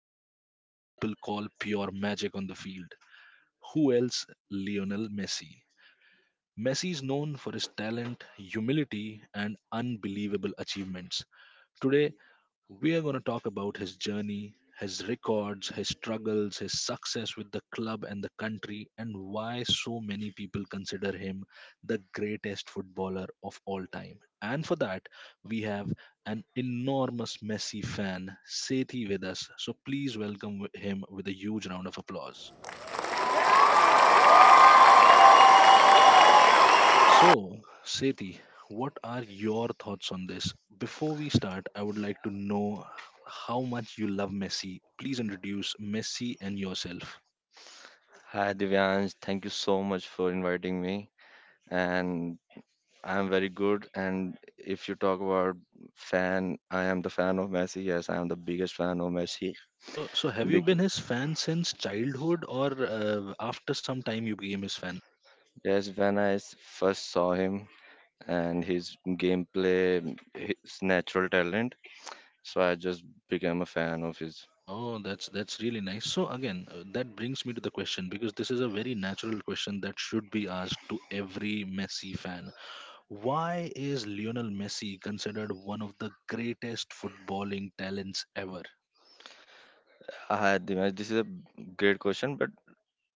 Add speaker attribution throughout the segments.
Speaker 1: who many people call pure magic on the field. Who else? Lionel Messi. Messi is known for his talent, humility, and unbelievable achievements. Today, we are going to talk about his journey, his records, his struggles, his success with the club and the country, and why so many people consider him the greatest footballer of all time. And for that, we have an enormous Messi fan, Sethi, with us. So please welcome him with a huge round of applause. So, Sethi, what are your thoughts on this? Before we start, I would like to know how much you love Messi. Please introduce Messi and yourself.
Speaker 2: Hi Divyansh, thank you so much for inviting me. And I'm very good. And if you talk about fan, I am the fan of Messi. Yes, I am the biggest fan of Messi.
Speaker 1: So have you been
Speaker 2: Because,
Speaker 1: his fan since childhood, or after some time you became his fan?
Speaker 2: yes, when I first saw him and his gameplay, his natural talent, so I just became a fan of his.
Speaker 1: Oh, that's really nice. So again, that brings me to the question because this is a very natural question that should be asked to every Messi fan. Why is Lionel Messi considered one of the greatest footballing talents ever?
Speaker 2: Hi Divyansh, this is a great question, but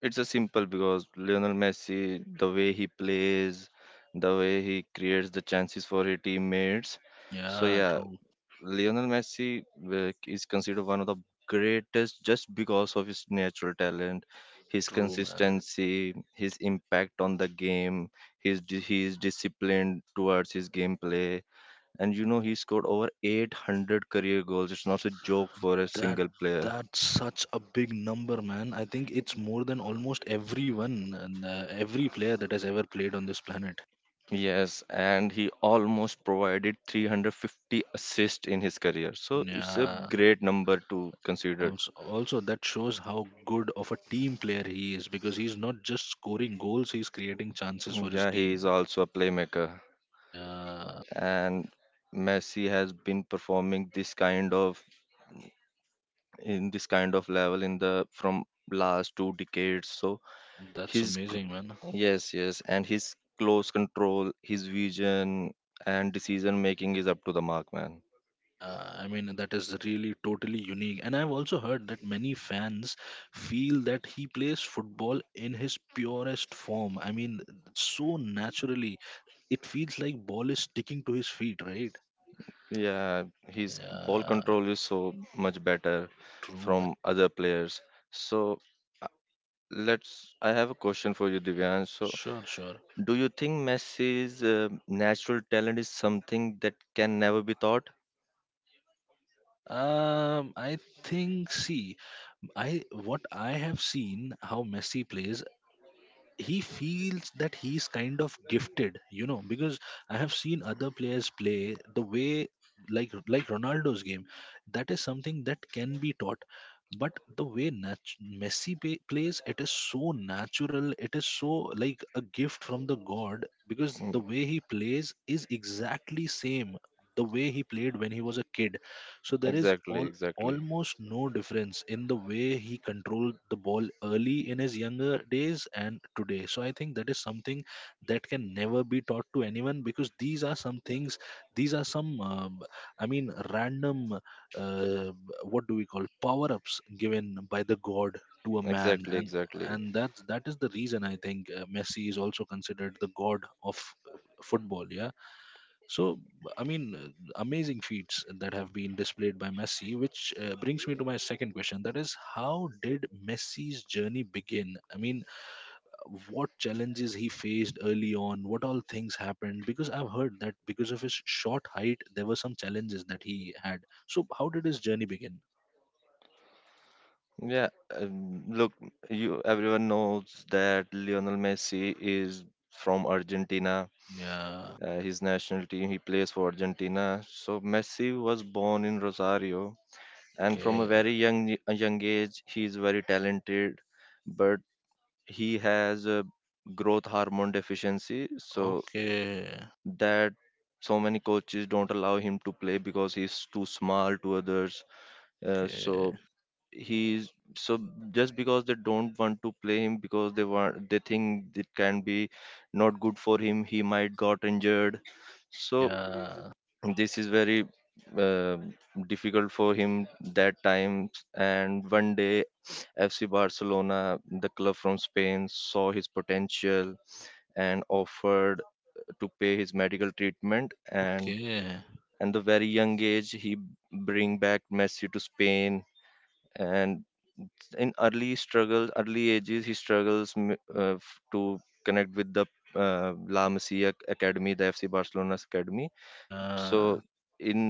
Speaker 2: it's a simple because Lionel Messi, the way he plays, the way he creates the chances for his teammates. So
Speaker 1: Yeah,
Speaker 2: yeah,
Speaker 1: true,
Speaker 2: Lionel Messi is considered one of the greatest just because of his natural talent, his
Speaker 1: true, man.
Speaker 2: consistency, his impact on the game, he is disciplined towards his gameplay, and you know he scored over 800 career goals. It's not a joke for a
Speaker 1: That
Speaker 2: single player.
Speaker 1: that's such a big number, man. I think it's more than almost everyone and every player that has ever played on this planet.
Speaker 2: Yes, and he almost provided 350 assists in his career. So it's a
Speaker 1: Yeah.
Speaker 2: great number to consider.
Speaker 1: Also, also that shows how good of a team player he is because he's not just scoring goals; he's creating chances for his
Speaker 2: Yeah, he is
Speaker 1: team.
Speaker 2: also a playmaker,
Speaker 1: Yeah,
Speaker 2: and Messi has been performing this kind of in this kind of level in the from last 2 decades. So
Speaker 1: that's
Speaker 2: his c-
Speaker 1: amazing, man.
Speaker 2: yes, yes, and his close control, his vision and decision making is up to the mark, man.
Speaker 1: Yeah, I mean, that is really totally unique. And I've also heard that many fans feel that he plays football in his purest form. I mean, so naturally, it feels like ball is sticking to his feet, right?
Speaker 2: Yeah, his ball
Speaker 1: Yeah,
Speaker 2: control is so much better
Speaker 1: true, man.
Speaker 2: from other players. So uh, let's. I have a question for you, Divyan. So,
Speaker 1: Sure, sure.
Speaker 2: do you think Messi's natural talent is something that can never be taught?
Speaker 1: I think, see, I what I have seen how Messi plays, he feels that he's kind of gifted, you know, because I have seen other players play the way, like Ronaldo's game, that is something that can be taught. But the way Messi plays, it is so natural, it is so like a gift from the god, because
Speaker 2: Mm,
Speaker 1: the way he plays is exactly same the way he played when he was a kid. So there is
Speaker 2: Exactly,
Speaker 1: all
Speaker 2: exactly.
Speaker 1: almost no difference in the way he controlled the ball early in his younger days and today. So I think that is something that can never be taught to anyone because these are some things, these are some, I mean, random, uh, what do we call power ups given by the god to a man,
Speaker 2: Exactly,
Speaker 1: and
Speaker 2: exactly.
Speaker 1: and that is the reason I think Messi is also considered the god of football. Yeah. So, I mean, amazing feats that have been displayed by Messi, which brings me to my second question. That is, how did Messi's journey begin? I mean, what challenges he faced early on? What all things happened? Because I've heard that because of his short height, there were some challenges that he had. So, how did his journey begin?
Speaker 2: Yeah, look, you everyone knows that Lionel Messi is from Argentina.
Speaker 1: Yeah.
Speaker 2: His national team, he plays for Argentina. So Messi was born in Rosario, and from a
Speaker 1: Okay.
Speaker 2: very young a young age he is very talented, but he has a growth hormone deficiency. So
Speaker 1: Okay.
Speaker 2: that so many coaches don't allow him to play because he's too small to others.
Speaker 1: Okay.
Speaker 2: So he's so just because they don't want to play him because they think it can be not good for him, he might got injured. So
Speaker 1: Yeah.
Speaker 2: this is very uh, difficult for him that time. And one day FC Barcelona, the club from Spain, saw his potential and offered to pay his medical treatment. and
Speaker 1: Okay.
Speaker 2: and the very young age he bring back Messi to Spain, and in early struggles early ages he struggles to connect with the La Masia Academy, the FC Barcelona's academy. so
Speaker 1: Yeah.
Speaker 2: in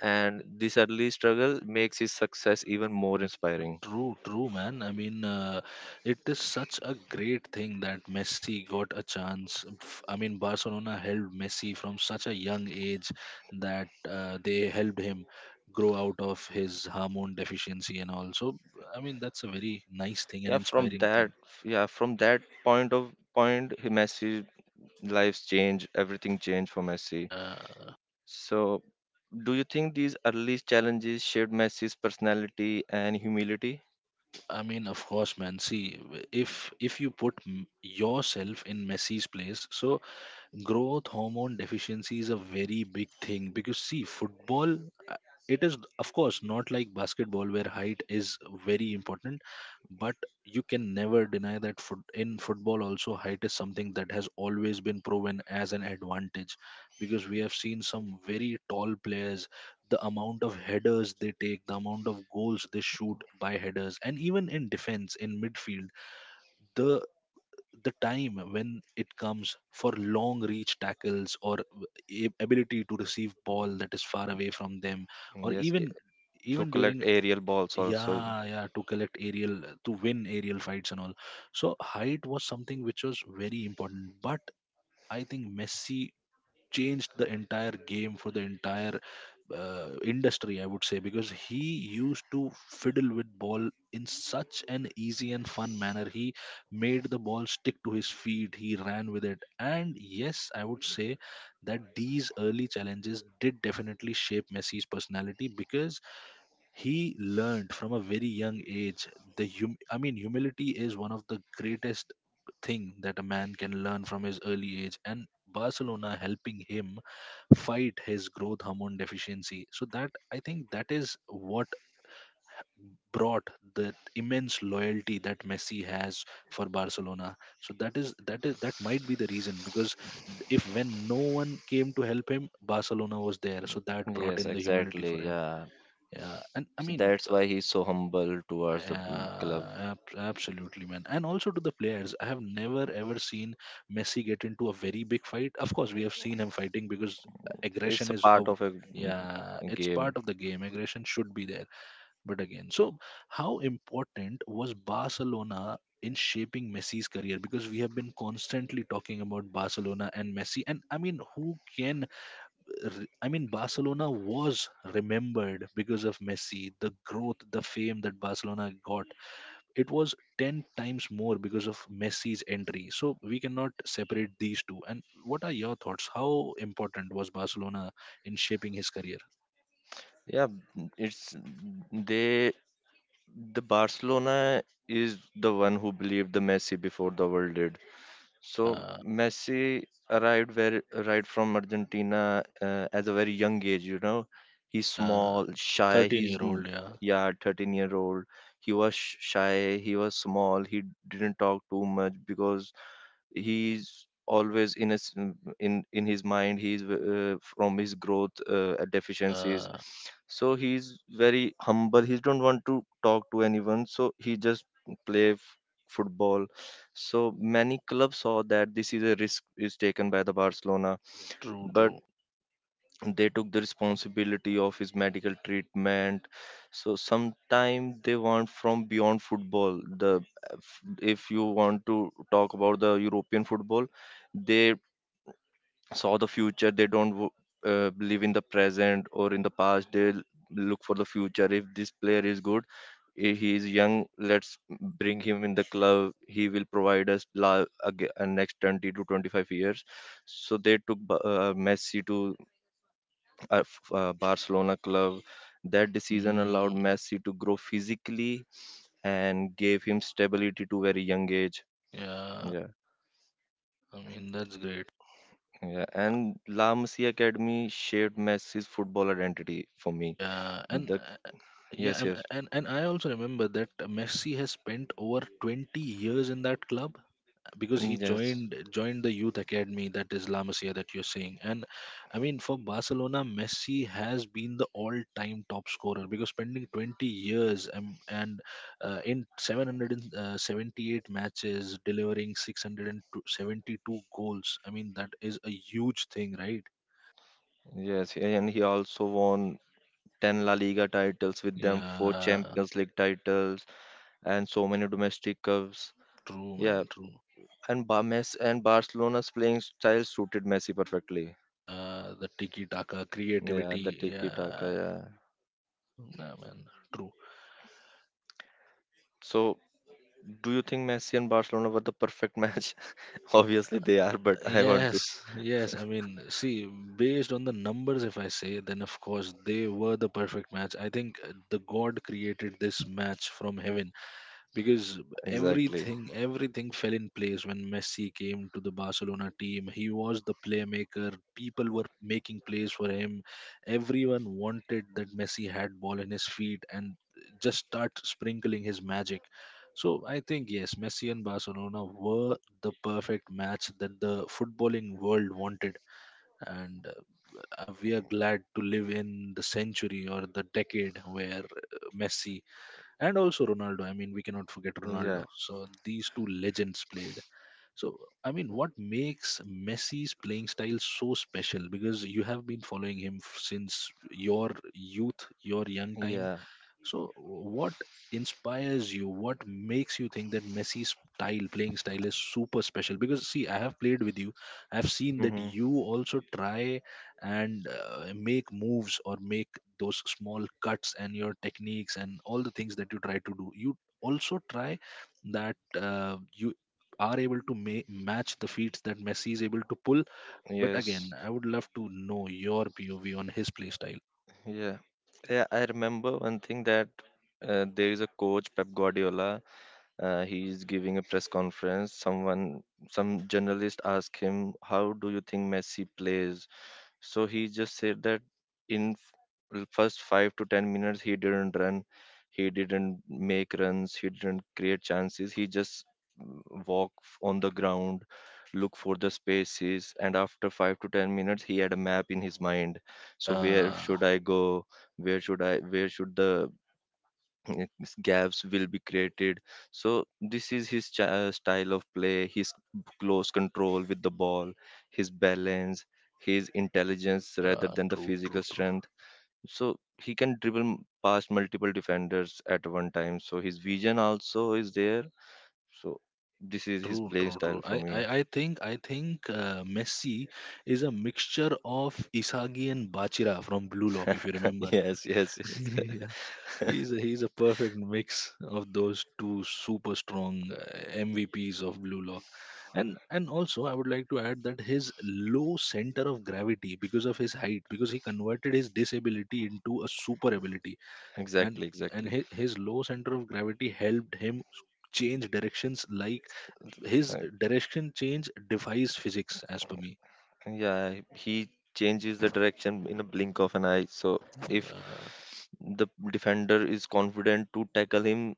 Speaker 2: and this early struggle makes his success even more inspiring.
Speaker 1: True, true, man. I mean, it is such a great thing that Messi got a chance. I mean, Barcelona helped Messi from such a young age that they helped him grow out of his hormone deficiency and all. So, I mean, that's a very nice thing and
Speaker 2: Yeah, from
Speaker 1: inspiring thing.
Speaker 2: that yeah, from that point of point he Messi lives change, everything changed for Messi.
Speaker 1: Yeah,
Speaker 2: So do you think these early challenges shaped Messi's personality and humility?
Speaker 1: I mean, of course, man. See, if you put yourself in Messi's place, so growth hormone deficiency is a very big thing because see football, uh, it is of course not like basketball where height is very important, but you can never deny that foot, in football also height is something that has always been proven as an advantage, because we have seen some very tall players, the amount of headers they take, the amount of goals they shoot by headers, and even in defense, in midfield, the the time when it comes for long reach tackles or ability to receive ball that is far away from them, or
Speaker 2: Yes.
Speaker 1: even,
Speaker 2: To
Speaker 1: even during,
Speaker 2: collect aerial balls also.
Speaker 1: yeah, yeah, to collect aerial, to win aerial fights and all. So height was something which was very important, but I think Messi changed the entire game for the entire industry, I would say, because he used to fiddle with ball in such an easy and fun manner. He made the ball stick to his feet. He ran with it, and yes, I would say that these early challenges did definitely shape Messi's personality because he learned from a very young age the I mean humility is one of the greatest thing that a man can learn from his early age, and Barcelona helping him fight his growth hormone deficiency, so that I think that is what brought the immense loyalty that Messi has for Barcelona. So that is that might be the reason, because if when no one came to help him, Barcelona was there, so that brought
Speaker 2: Yes,
Speaker 1: in the humility
Speaker 2: exactly.
Speaker 1: for him.
Speaker 2: Yeah.
Speaker 1: Yeah, and I
Speaker 2: So
Speaker 1: mean,
Speaker 2: that's why he's so humble towards the club.
Speaker 1: yeah, absolutely, man. And also to the players, I have never ever seen Messi get into a very big fight. Of course, we have seen him fighting because aggression
Speaker 2: It's a
Speaker 1: is a,
Speaker 2: part of a
Speaker 1: yeah, it's
Speaker 2: game.
Speaker 1: part of the game. Aggression should be there. But again, so how important was Barcelona in shaping Messi's career? Because we have been constantly talking about Barcelona and Messi, and I mean, who can I mean, Barcelona was remembered because of Messi, the growth, the fame that Barcelona got, it was 10 times more because of Messi's entry. So we cannot separate these two. And what are your thoughts? How important was Barcelona in shaping his career?
Speaker 2: Yeah, mm, it's they. The Barcelona is the one who believed the Messi before the world did. So
Speaker 1: Yeah,
Speaker 2: Messi arrived very right from Argentina as a very young age. You know, he's
Speaker 1: yeah.
Speaker 2: small, shy.
Speaker 1: 13 year old, yeah.
Speaker 2: Yeah, 13 year old. He was shy. He was small. He didn't talk too much because he's always in his in his mind. He's from his growth deficiencies.
Speaker 1: Uh,
Speaker 2: So he's very humble, he don't want to talk to anyone. So he just play football. So many clubs saw that this is a risk is taken by the Barcelona,
Speaker 1: true,
Speaker 2: but
Speaker 1: true.
Speaker 2: they took the responsibility of his medical treatment. So sometime they want from beyond football. The if you want to talk about the European football, they saw the future. They don't live in the present or in the past, they look for the future. If this player is good, he is young, let's bring him in the club. He will provide us next 20 to 25 years. So they took Messi to Barcelona club. That decision allowed
Speaker 1: Mm,
Speaker 2: Messi to grow physically and gave him stability to very young age.
Speaker 1: yeah,
Speaker 2: Yeah,
Speaker 1: I mean, that's great.
Speaker 2: yeah. And La Masia Academy shaped Messi's football identity for me.
Speaker 1: Yeah, and
Speaker 2: The
Speaker 1: yeah,
Speaker 2: yes,
Speaker 1: and,
Speaker 2: yes,
Speaker 1: and I also remember that Messi has spent over 20 years in that club, because he
Speaker 2: yes,
Speaker 1: joined the youth academy, that is La Masia, that you're saying. And I mean for Barcelona, Messi has been the all-time top scorer, because spending 20 years, and in 778 matches delivering 672 goals, I mean that is a huge thing, right?
Speaker 2: yes. And he also won 10 La Liga titles with them, four
Speaker 1: Yeah,
Speaker 2: Champions League titles, and so many domestic cups.
Speaker 1: true,
Speaker 2: Yeah,
Speaker 1: man, true.
Speaker 2: and Messi and Barcelona's playing style suited Messi perfectly.
Speaker 1: Yeah, the tiki taka
Speaker 2: Yeah,
Speaker 1: creativity,
Speaker 2: the tiki
Speaker 1: yeah.
Speaker 2: taka.
Speaker 1: Nah, man, true.
Speaker 2: So, do you think Messi and Barcelona were the perfect match? Obviously, they are, but I want to.
Speaker 1: Yes, yes. I mean, see, based on the numbers, if I say, then of course they were the perfect match. I think the God created this match from heaven, because
Speaker 2: Exactly.
Speaker 1: everything, everything fell in place when Messi came to the Barcelona team. He was the playmaker. People were making plays for him. Everyone wanted that Messi had ball in his feet and just start sprinkling his magic. So I think yes, Messi and Barcelona were the perfect match that the footballing world wanted, and we are glad to live in the century or the decade where Messi and also Ronaldo. I mean, we cannot forget Ronaldo.
Speaker 2: Yeah.
Speaker 1: So these two legends played. So I mean, what makes Messi's playing style so special? Because you have been following him since your youth, your young time,
Speaker 2: Yeah.
Speaker 1: so, what inspires you? What makes you think that Messi's style, playing style, is super special? Because, see, I have played with you. I've seen that
Speaker 2: Hmm.
Speaker 1: you also try and make moves or make those small cuts and your techniques and all the things that you try to do. You also try that you are able to match the feats that Messi is able to pull. But again,
Speaker 2: Yes.
Speaker 1: I would love to know your POV on his play style.
Speaker 2: Yeah. Yeah. I remember one thing that there is a coach, Pep Guardiola. He is giving a press conference. Someone, some journalist asked him, "How do you think Messi plays?" So he just said that in first 5 to 10 minutes he didn't run, he didn't make runs, he didn't create chances. He just walk on the ground, look for the spaces, and after 5 to 10 minutes he had a map in his mind. So where
Speaker 1: Yeah,
Speaker 2: should I go? Where should I? Where should the gaps will be created. So this is his style of play, his close control with the ball, his balance, his intelligence rather than the
Speaker 1: true,
Speaker 2: physical
Speaker 1: true, true.
Speaker 2: strength. So he can dribble past multiple defenders at one time. So his vision also is there. So this is his
Speaker 1: True,
Speaker 2: playing
Speaker 1: true,
Speaker 2: style
Speaker 1: true.
Speaker 2: for
Speaker 1: I, I,
Speaker 2: me.
Speaker 1: I think I think Messi is a mixture of Isagi and Bachira from Blue Lock, if you remember.
Speaker 2: yes, yes, yes.
Speaker 1: Yeah. He's a perfect mix of those two super strong MVPs of Blue Lock, and also I would like to add that his low center of gravity because of his height, because he converted his disability into a super ability, and
Speaker 2: exactly,
Speaker 1: and
Speaker 2: exactly.
Speaker 1: his low center of gravity helped him change directions, like, his
Speaker 2: Right.
Speaker 1: direction change defies physics as per me.
Speaker 2: Yeah, he changes the direction in a blink of an eye. So if
Speaker 1: Yeah,
Speaker 2: the defender is confident to tackle him,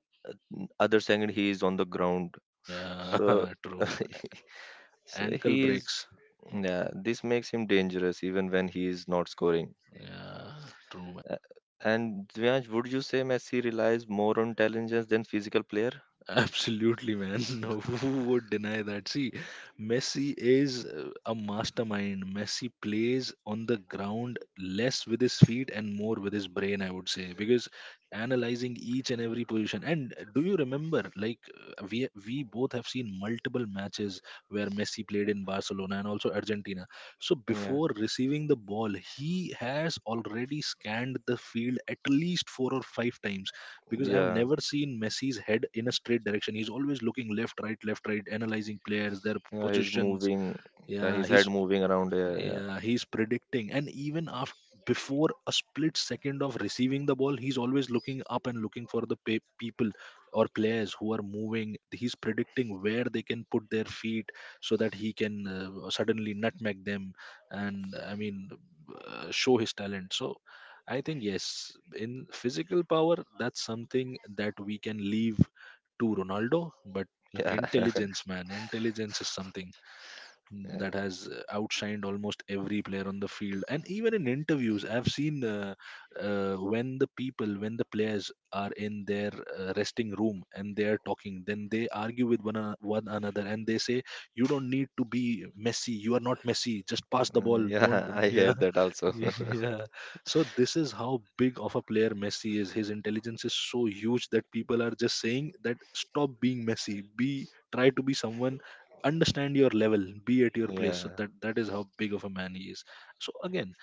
Speaker 2: other second he is on the ground.
Speaker 1: yeah.
Speaker 2: So,
Speaker 1: True.
Speaker 2: so
Speaker 1: Ankle
Speaker 2: he is.
Speaker 1: breaks.
Speaker 2: Yeah, this makes him dangerous even when he is not scoring.
Speaker 1: Yeah, true.
Speaker 2: Uh, And Dvanj, would you say Messi relies more on intelligence than physical player?
Speaker 1: Absolutely, man. No, who would deny that? See, Messi is a mastermind. Messi plays on the ground less with his feet and more with his brain, I would say, because analyzing each and every position. And do you remember, like, we both have seen multiple matches where Messi played in Barcelona and also Argentina. So
Speaker 2: Yeah,
Speaker 1: before receiving the ball, he has already scanned the field at least four or five times, because I've
Speaker 2: yeah,
Speaker 1: never seen Messi's head in a straight direction. He's always looking left, right, analyzing players, their
Speaker 2: yeah. He's
Speaker 1: positions.
Speaker 2: moving. Yeah,
Speaker 1: Yeah,
Speaker 2: his head
Speaker 1: he's
Speaker 2: moving around. Yeah,
Speaker 1: yeah, he's predicting, and even after before a split second of receiving the ball, he's always looking up and looking for the people or players who are moving. He's predicting where they can put their feet so that he can suddenly nutmeg them, and I mean, show his talent. So, I think yes, in physical power, that's something that we can leave to Ronaldo, but
Speaker 2: yeah,
Speaker 1: intelligence, man, intelligence is something
Speaker 2: yeah.
Speaker 1: that has outshined almost every player on the field. And even in interviews I've seen when the people when the players are in their resting room and they are talking, then they argue with one another and they say, "You don't need to be Messi. You are not Messi. Just pass the ball, don't."
Speaker 2: yeah, I hear
Speaker 1: Yeah.
Speaker 2: that also.
Speaker 1: Yeah. So this is how big of a player Messi is. His intelligence is so huge that people are just saying that stop being Messi. Be try to be someone. Understand your level, be at your place.
Speaker 2: Yeah.
Speaker 1: That is how big of a man he is. So again,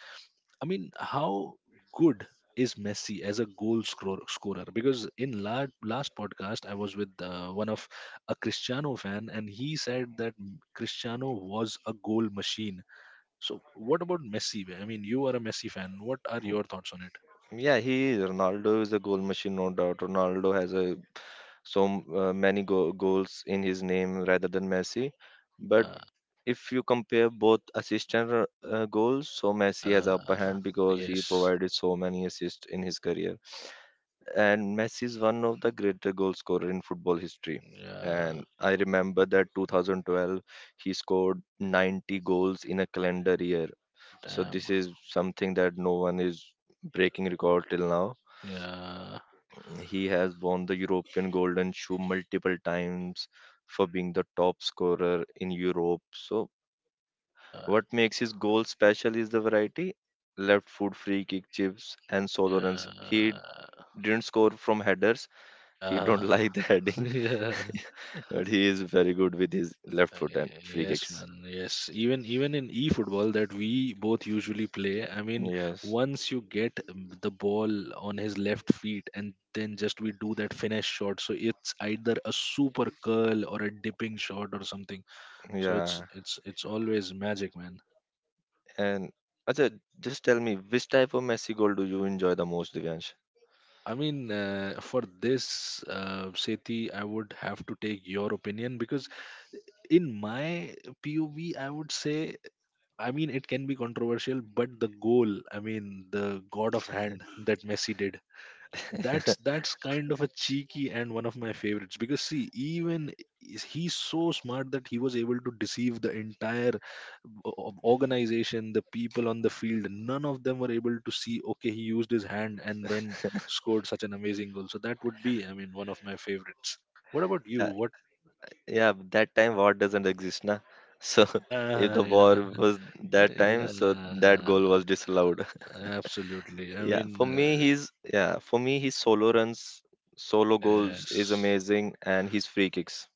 Speaker 1: I mean, how good is Messi as a scorer? Because in last podcast I was with one of a Cristiano fan and he said that Cristiano was a goal machine. So what about Messi? I mean, you are a Messi fan. What are your thoughts on it?
Speaker 2: Yeah, he Ronaldo is a goal machine, no doubt. Ronaldo has a so many goals in his name rather than Messi. But
Speaker 1: Yeah.
Speaker 2: if you compare both assist and goals, so Messi has upper
Speaker 1: yeah
Speaker 2: hand because he
Speaker 1: yes.
Speaker 2: provided so many assists in his career. And Messi is one of the greater goal scorer in football history.
Speaker 1: Yeah.
Speaker 2: And I remember that 2012 he scored 90 goals in a calendar year. So
Speaker 1: Damn.
Speaker 2: this is something that no one is breaking record till now.
Speaker 1: yeah
Speaker 2: He has won the European Golden Shoe multiple times for being the top scorer in Europe. So,
Speaker 1: yeah
Speaker 2: what makes his goal special is the variety: left foot, free kick, chips, and solo runs. He
Speaker 1: yeah
Speaker 2: didn't score from headers, he don't
Speaker 1: Yeah,
Speaker 2: like the heading,
Speaker 1: yeah.
Speaker 2: but he is very good with his left foot and free
Speaker 1: Yes,
Speaker 2: kicks.
Speaker 1: man. Yes, even in e-football that we both usually play, I mean,
Speaker 2: Yes,
Speaker 1: once you get the ball on his left feet and then just we do that finesse shot, so it's either a super curl or a dipping shot or something. So it's
Speaker 2: yeah.
Speaker 1: it's it's always magic, man.
Speaker 2: And Ajay, just tell me which type of Messi goal do you enjoy the most, Divyansh?
Speaker 1: I mean, for this, Sethi, I would have to take your opinion because in my POV, I would say I mean, it can be controversial, but the goal, I mean, the god of hand that Messi did, that's kind of a cheeky and one of my favorites. Because see, even he's so smart that he was able to deceive the entire organization, the people on the field. None of them were able to see. Okay, he used his hand and then scored such an amazing goal. So that would be, I mean, one of my favorites. What about you? What?
Speaker 2: Yeah, but that time war doesn't exist, na. So if
Speaker 1: Yeah,
Speaker 2: the war
Speaker 1: yeah,
Speaker 2: was that time, so
Speaker 1: yeah.
Speaker 2: that goal was disallowed.
Speaker 1: Absolutely. I
Speaker 2: Yeah,
Speaker 1: mean,
Speaker 2: for me, he's yeah, for me, his solo runs, solo goals is
Speaker 1: yes.
Speaker 2: amazing, and his free kicks.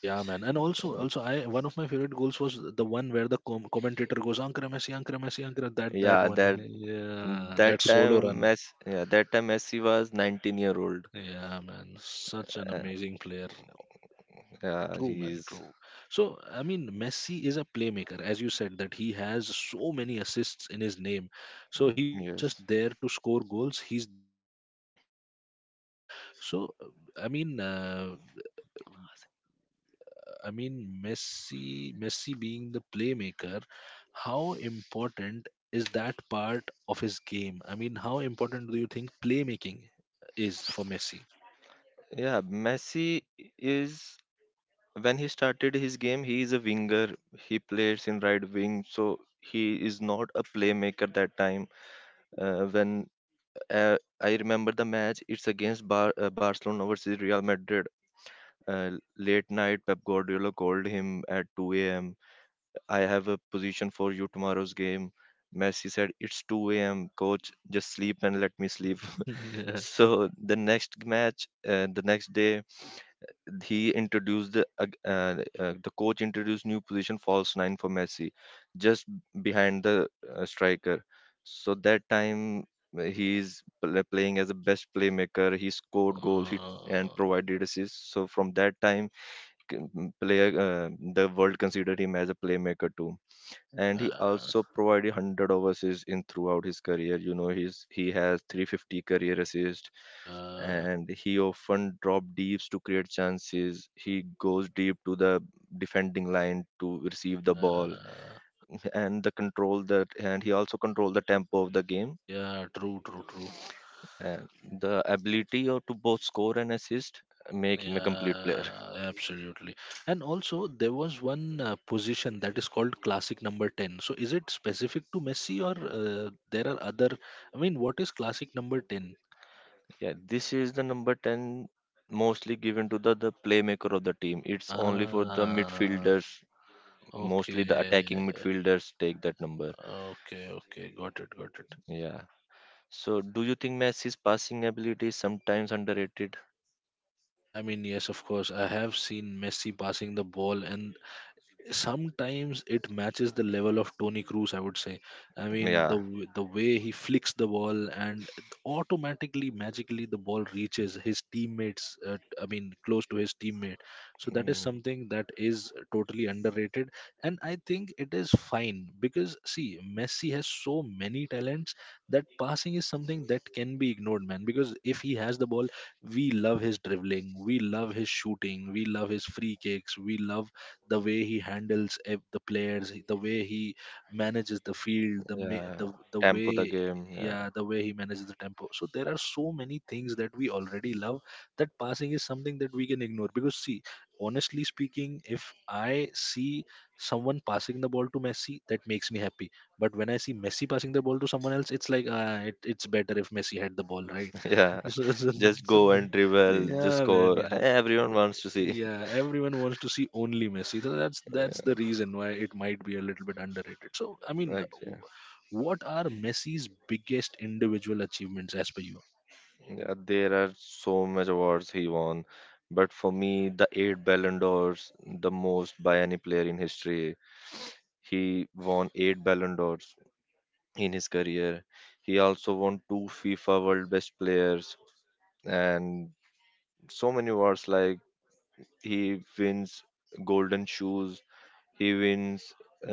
Speaker 1: Yeah, man. And also, I one of my favorite goals was the one where the commentator goes "Ankara Messi, Ankara Messi, Ankara." That
Speaker 2: Yeah,
Speaker 1: one,
Speaker 2: that
Speaker 1: yeah, that
Speaker 2: that
Speaker 1: solo
Speaker 2: time
Speaker 1: run.
Speaker 2: Messi, yeah, that time Messi was 19-year-old.
Speaker 1: Yeah, man, such an
Speaker 2: Uh,
Speaker 1: amazing player.
Speaker 2: yeah,
Speaker 1: True, man,
Speaker 2: he's
Speaker 1: true. So, I mean, Messi is a playmaker, as you said, that he has so many assists in his name. So he's not just
Speaker 2: yes.
Speaker 1: there to score goals; he's there to help his team win the games, right? So, I mean, uh, I mean, Messi being the playmaker, how important is that part of his game? I mean, how important do you think playmaking is for Messi?
Speaker 2: Yeah, Messi is when he started his game he is a winger, he plays in right wing. So he is not a playmaker that time. When I remember the match, it's against Barcelona versus Real Madrid. uh, Late night Pep Guardiola called him at 2 a.m. "I have a position for you tomorrow's game." Messi said, "It's 2 a.m., coach, just sleep and let me sleep."
Speaker 1: Yeah.
Speaker 2: So the next match the next day he introduced the coach introduced new position, false nine, for Messi, just behind the striker. So that time he's playing as a best playmaker. He scored goal. He and
Speaker 1: Uh,
Speaker 2: provided assists. So from that time, c- m- player the world considered him as a playmaker too, and he
Speaker 1: yeah,
Speaker 2: also provided 100 overseas in throughout his career. You know, he has 350 career assists.
Speaker 1: yeah,
Speaker 2: And he often drop deeps to create chances, he goes deep to the defending line to receive the ball,
Speaker 1: yeah,
Speaker 2: and the control that, and he also control the tempo of the game,
Speaker 1: yeah, true, true.
Speaker 2: and the ability or to both score and assist make him a complete player.
Speaker 1: Yeah, absolutely. And also, there was one position that is called classic number 10. So, is it specific to Messi or there are other? I mean, what is classic number 10?
Speaker 2: Yeah, this is the number 10 mostly given to the playmaker of the team. It's only for the
Speaker 1: Ah,
Speaker 2: midfielders.
Speaker 1: okay.
Speaker 2: Mostly the attacking midfielders take that number.
Speaker 1: Okay, okay. Got it, got it.
Speaker 2: Yeah. So do you think Messi's passing ability is sometimes underrated?
Speaker 1: I mean, yes, of course. I have seen Messi passing the ball and sometimes it matches the level of Tony Cruz, I would say. I mean,
Speaker 2: Yeah.
Speaker 1: the way he flicks the ball and automatically, magically, the ball reaches his teammates. I mean, close to his teammate. So that is
Speaker 2: Mm,
Speaker 1: something that is totally underrated, and I think it is fine because see, Messi has so many talents that passing is something that can be ignored, man. Because if he has the ball, we love his dribbling, we love his shooting, we love his free kicks, we love the way he handles the players, the way he manages the field,
Speaker 2: yeah.
Speaker 1: the
Speaker 2: Tempo the
Speaker 1: way
Speaker 2: game. Yeah.
Speaker 1: yeah the way he manages the tempo. So there are so many things that we already love that passing is something that we can ignore. Because see, honestly speaking, if I see someone passing the ball to Messi, that makes me happy. But when I see Messi passing the ball to someone else, it's like it's better if Messi had the ball, right?
Speaker 2: yeah.
Speaker 1: so, so,
Speaker 2: Just
Speaker 1: so,
Speaker 2: go and dribble, just
Speaker 1: yeah, man,
Speaker 2: score. Everyone wants to see.
Speaker 1: yeah everyone wants to see only Messi. So that's the reason why it might be a little bit underrated. So I mean,
Speaker 2: Like, yeah.
Speaker 1: what are Messi's biggest individual achievements as per you?
Speaker 2: Yeah, there are so much awards he won. But for me, the 8 Ballon d'Ors, the most by any player in history. He won 8 Ballon d'Ors in his career. He also won 2 FIFA World Best Players and so many awards. Like he wins Golden Shoes, he wins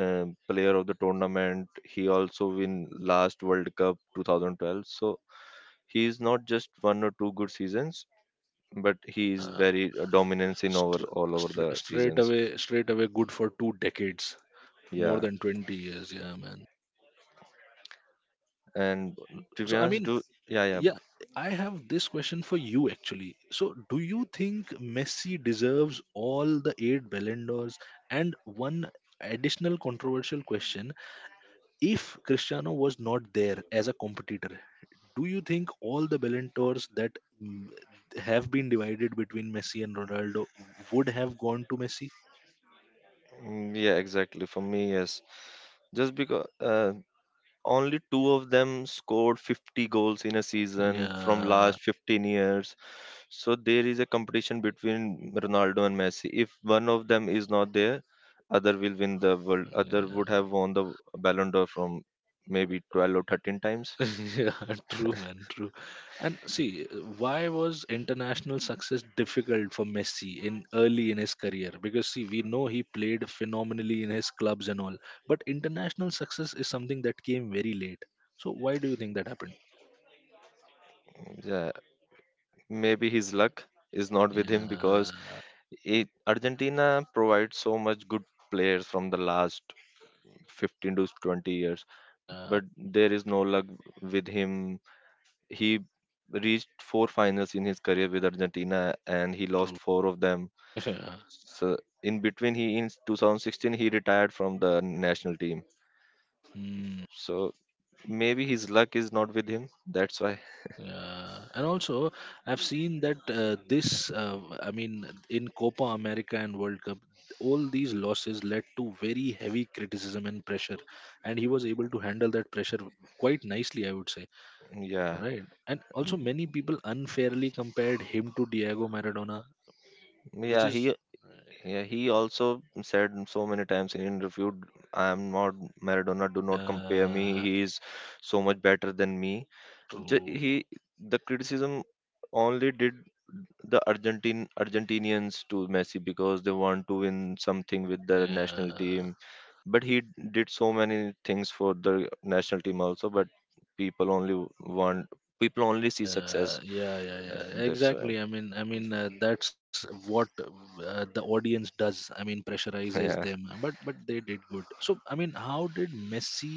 Speaker 2: Player of the Tournament. He also win last World Cup 2012. So he is not just one or two good seasons, but he is
Speaker 1: uh,
Speaker 2: very dominance in over all over the
Speaker 1: Straight
Speaker 2: seasons.
Speaker 1: away, good for 2 decades. More
Speaker 2: Yeah.
Speaker 1: than 20 years, yeah, man. so
Speaker 2: And to be
Speaker 1: so I
Speaker 2: honest,
Speaker 1: mean,
Speaker 2: do yeah, yeah.
Speaker 1: yeah, I have this question for you actually. So do you think Messi deserves all the 8 Ballon d'Ors? And one additional controversial question: if Cristiano was not there as a competitor, do you think all the Ballon d'Ors that mm, have been divided between Messi and Ronaldo would have gone to Messi?
Speaker 2: Mm, yeah, exactly. For me, yes, just because only two of them scored 50 goals in a season from
Speaker 1: Yeah,
Speaker 2: last 15 years. So there is a competition between Ronaldo and Messi. If one of them is not there, other will win the world other would have
Speaker 1: yeah,
Speaker 2: won the Ballon d'Or from maybe 12 or 13 times.
Speaker 1: yeah, true, man, true. And see, why was international success difficult for Messi in early in his career? Because see, we know he played phenomenally in his clubs and all, but international success is something that came very late. So why do you think that happened?
Speaker 2: Yeah, maybe his luck is not with him
Speaker 1: Yeah.
Speaker 2: because Argentina provides so much good players from the last 15 to 20 years,
Speaker 1: Yeah,
Speaker 2: but there is no luck with him. He reached four finals in his career with Argentina and he lost
Speaker 1: true.
Speaker 2: four of them.
Speaker 1: Yeah.
Speaker 2: So in between, he in 2016 he retired from the national team.
Speaker 1: Hmm.
Speaker 2: So maybe his luck is not with him. That's why.
Speaker 1: Yeah. And also, I've seen that I mean, in Copa America and World Cup, all these losses led to very heavy criticism and pressure. And he was able to handle that pressure quite nicely, I would say.
Speaker 2: Yeah.
Speaker 1: Right. And also, many people unfairly compared him to Diego Maradona, which
Speaker 2: Yeah,
Speaker 1: is,
Speaker 2: he also said so many times in interview, "I am not Maradona, do not compare me.
Speaker 1: yeah,
Speaker 2: He is so much better than me." the,
Speaker 1: true.
Speaker 2: he the criticism only did the Argentine Argentinians to Messi because they want to win something with the national
Speaker 1: Yeah.
Speaker 2: team. But he did so many things for the national team also. But people only want people only see success. Uh,
Speaker 1: Yeah,
Speaker 2: That's why.
Speaker 1: exactly. I mean, that's what the audience does. I mean, pressurizes
Speaker 2: Yeah,
Speaker 1: them. But they did good. So I mean, how did Messi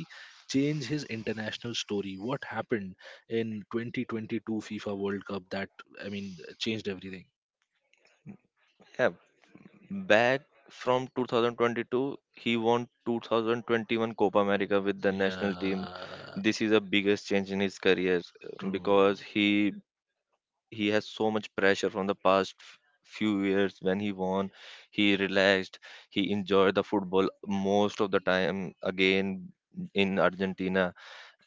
Speaker 1: change his international story? What happened in 2022 FIFA World Cup that I mean changed everything?
Speaker 2: yeah. Back from 2022, he won 2021 Copa America with the national team.
Speaker 1: Yeah.
Speaker 2: This is the biggest change in his career,
Speaker 1: True.
Speaker 2: because he has so much pressure from the past few years. When he won, he relaxed, he enjoyed the football most of the time again in Argentina,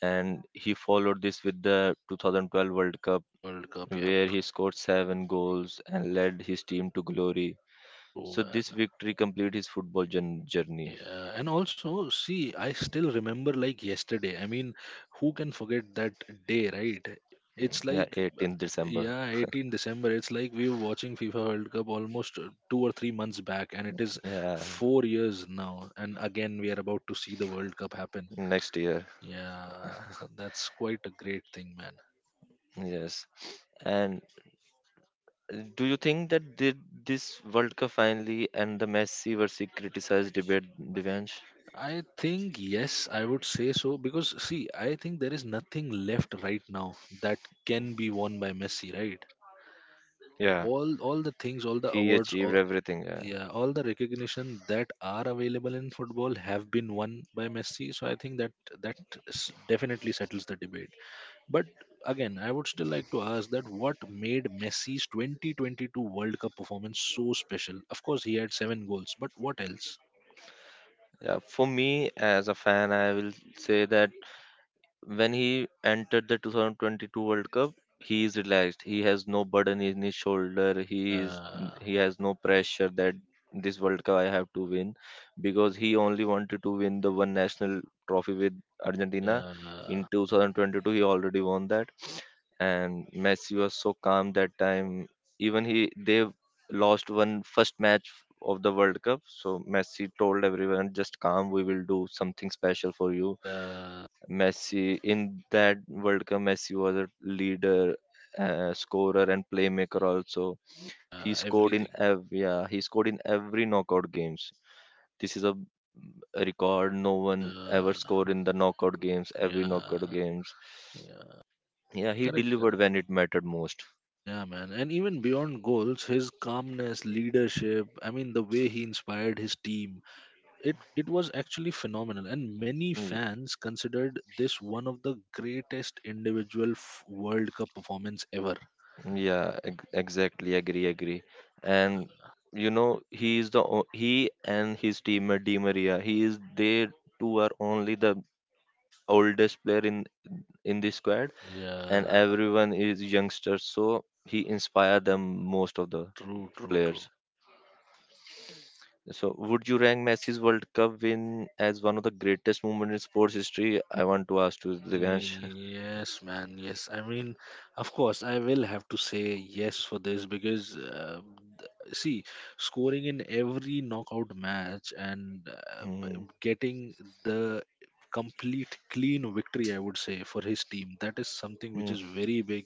Speaker 2: and he followed this with the 2012 World Cup
Speaker 1: World Cup, yep.
Speaker 2: where he scored 7 goals and led his team to glory.
Speaker 1: True,
Speaker 2: So this
Speaker 1: man.
Speaker 2: victory complete his football journey.
Speaker 1: Yeah, and also, see, I still remember like yesterday. I mean, who can forget that day, right? It's
Speaker 2: Yeah,
Speaker 1: like,
Speaker 2: 18th December.
Speaker 1: yeah, 18 December. It's like we were watching FIFA World Cup almost 2 or 3 months back, and it is
Speaker 2: Yeah,
Speaker 1: 4 years now. And again, we are about to see the World Cup happen.
Speaker 2: next year.
Speaker 1: Yeah, so that's quite a great thing, man.
Speaker 2: Yes. And do you think that did this World Cup finally and the Messi versus criticized debate, Divansh?
Speaker 1: I think, yes, I would say so because, see, I think there is nothing left right now that can be won by Messi, right?
Speaker 2: Yeah,
Speaker 1: All the things, all the
Speaker 2: he
Speaker 1: awards,
Speaker 2: achieved
Speaker 1: all,
Speaker 2: everything. Yeah.
Speaker 1: yeah, all the recognition that are available in football have been won by Messi. So I think that that definitely settles the debate. But again, I would still like to ask that what made Messi's 2022 World Cup performance so special? Of course, he had 7 goals, but what else?
Speaker 2: Yeah, for me as a fan, I will say that when he entered the 2022 World Cup, he is relaxed. He has no burden in his shoulder.
Speaker 1: yeah
Speaker 2: He has no pressure that this World Cup I have to win, because he only wanted to win the one national trophy with Argentina. In
Speaker 1: yeah
Speaker 2: 2022, he already won that, and Messi was so calm that time. Even he they lost one first match of the World Cup, so Messi told everyone, "Just calm, we will do something special for you."
Speaker 1: yeah
Speaker 2: Messi in that World Cup, Messi was a leader, scorer, and playmaker also. He
Speaker 1: yeah
Speaker 2: scored in
Speaker 1: everything.
Speaker 2: ev yeah, he scored in every knockout games. This is a record no one ever
Speaker 1: yeah
Speaker 2: scored in the knockout games every knockout
Speaker 1: yeah
Speaker 2: games.
Speaker 1: yeah
Speaker 2: Yeah, he
Speaker 1: correct
Speaker 2: delivered when it mattered most.
Speaker 1: Yeah, man. And even beyond goals, his calmness, leadership, I mean, the way he inspired his team, it was actually phenomenal. And many
Speaker 2: Yeah.
Speaker 1: fans considered this one of the greatest individual World Cup performance ever.
Speaker 2: Yeah, exactly. Agree, agree. And
Speaker 1: Yeah,
Speaker 2: you know, he is the o- he and his teammate Di Maria. He is They two are only the oldest player in the squad, and
Speaker 1: yeah,
Speaker 2: everyone is youngsters. So he inspire them most of the
Speaker 1: true, true.
Speaker 2: players. So would you rank Messi's World Cup win as one of the greatest moments in sports history? I want to ask to Divyansh.
Speaker 1: Yes, man. Yes. I mean, of course, I will have to say yes for this because, see, scoring in every knockout match and
Speaker 2: Hmm,
Speaker 1: getting the complete clean victory, I would say, for his team, that is something which
Speaker 2: hmm,
Speaker 1: is very big.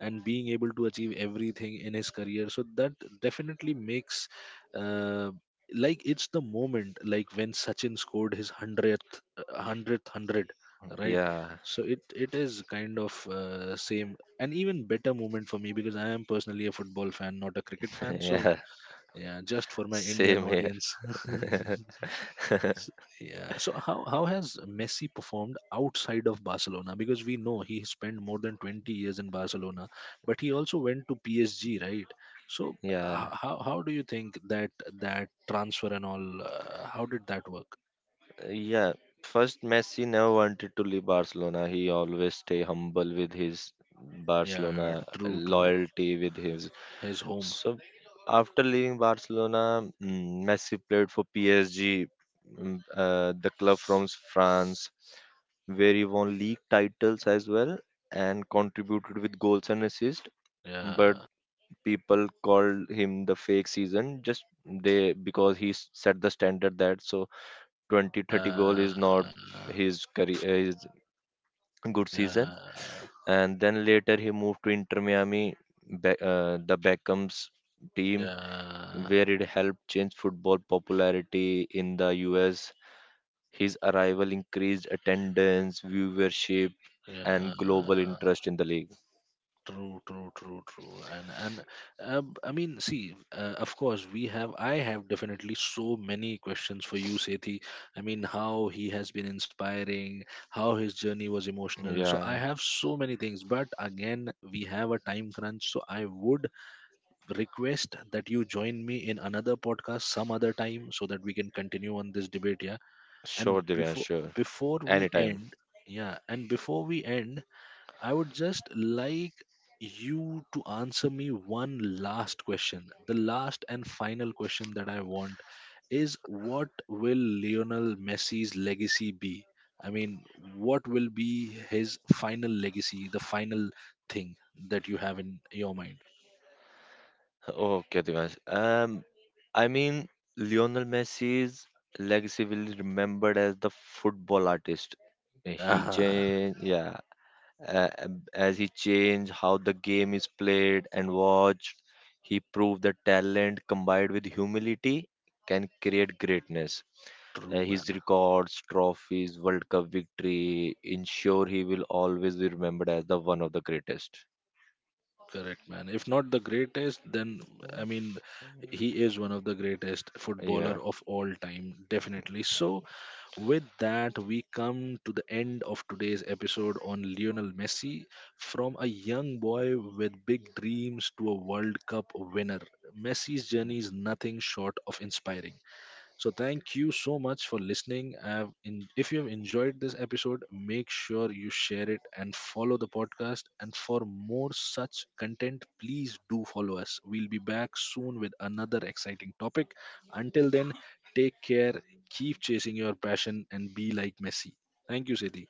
Speaker 1: And being able to achieve everything in his career, so that definitely makes, uh, like, it's the moment, like when Sachin scored his 100th, 100. Right.
Speaker 2: yeah.
Speaker 1: So it is kind of same and even better moment for me because I am personally a football fan, not a cricket fan. So
Speaker 2: Yeah.
Speaker 1: yeah, just for my Indian
Speaker 2: Same here.
Speaker 1: audience. So, yeah, so how has Messi performed outside of Barcelona? Because we know he spent more than 20 years in Barcelona, but he also went to PSG, right? So
Speaker 2: Yeah.
Speaker 1: how do you think that transfer and all how did that work?
Speaker 2: Yeah, first Messi never wanted to leave Barcelona. He always stay humble with his
Speaker 1: Yeah,
Speaker 2: Barcelona
Speaker 1: true, true,
Speaker 2: loyalty with his.
Speaker 1: his home.
Speaker 2: So after leaving Barcelona, Messi played for PSG, the club from France, where he won league titles as well and contributed with goals and assists. But
Speaker 1: Yeah.
Speaker 2: people called him the fake season just they because he set the standard that so 20-30 goal is not
Speaker 1: Yeah. Enough.
Speaker 2: his good season.
Speaker 1: Yeah.
Speaker 2: And then later he moved to Inter Miami, the Beckham's team,
Speaker 1: Yeah.
Speaker 2: where it helped change football popularity in the US. His arrival increased attendance, viewership, and global
Speaker 1: Yeah.
Speaker 2: interest in the league.
Speaker 1: True, true. And I mean, see, of course, we have. I have definitely so many questions for you, Sethi. I mean, how he has been inspiring, how his journey was emotional. So I
Speaker 2: Yeah,
Speaker 1: have so many things. But again, we have a time crunch. So I would request that you join me in another podcast some other time so that we can continue on this debate. Yeah, and
Speaker 2: sure, Divya.
Speaker 1: before
Speaker 2: Sure.
Speaker 1: before we
Speaker 2: Anytime.
Speaker 1: end yeah, and before we end, I would just like you to answer me one last question. The last and final question that I want is, what will Lionel Messi's legacy be? I mean, what will be his final legacy, the final thing that you have in your mind?
Speaker 2: Okay, Devansh. I mean, Lionel Messi's legacy will be remembered as the football artist. Uh, He
Speaker 1: Yeah.
Speaker 2: changed, yeah, as he changed how the game is played and watched, he proved that talent combined with humility can create greatness.
Speaker 1: True,
Speaker 2: His
Speaker 1: man.
Speaker 2: records, trophies, World Cup victory ensure he will always be remembered as the one of the greatest.
Speaker 1: Correct, man. If not the greatest, then I mean, he is one of the greatest
Speaker 2: Yeah.
Speaker 1: footballer of all time, definitely. So, with that, we come to the end of today's episode on Lionel Messi, from a young boy with big dreams to a World Cup winner. Messi's journey is nothing short of inspiring. So thank you so much for listening. If you've enjoyed this episode, make sure you share it and follow the podcast. And for more such content, please do follow us. We'll be back soon with another exciting topic. Until then, take care, keep chasing your passion, and be like Messi. Thank you, Sethi.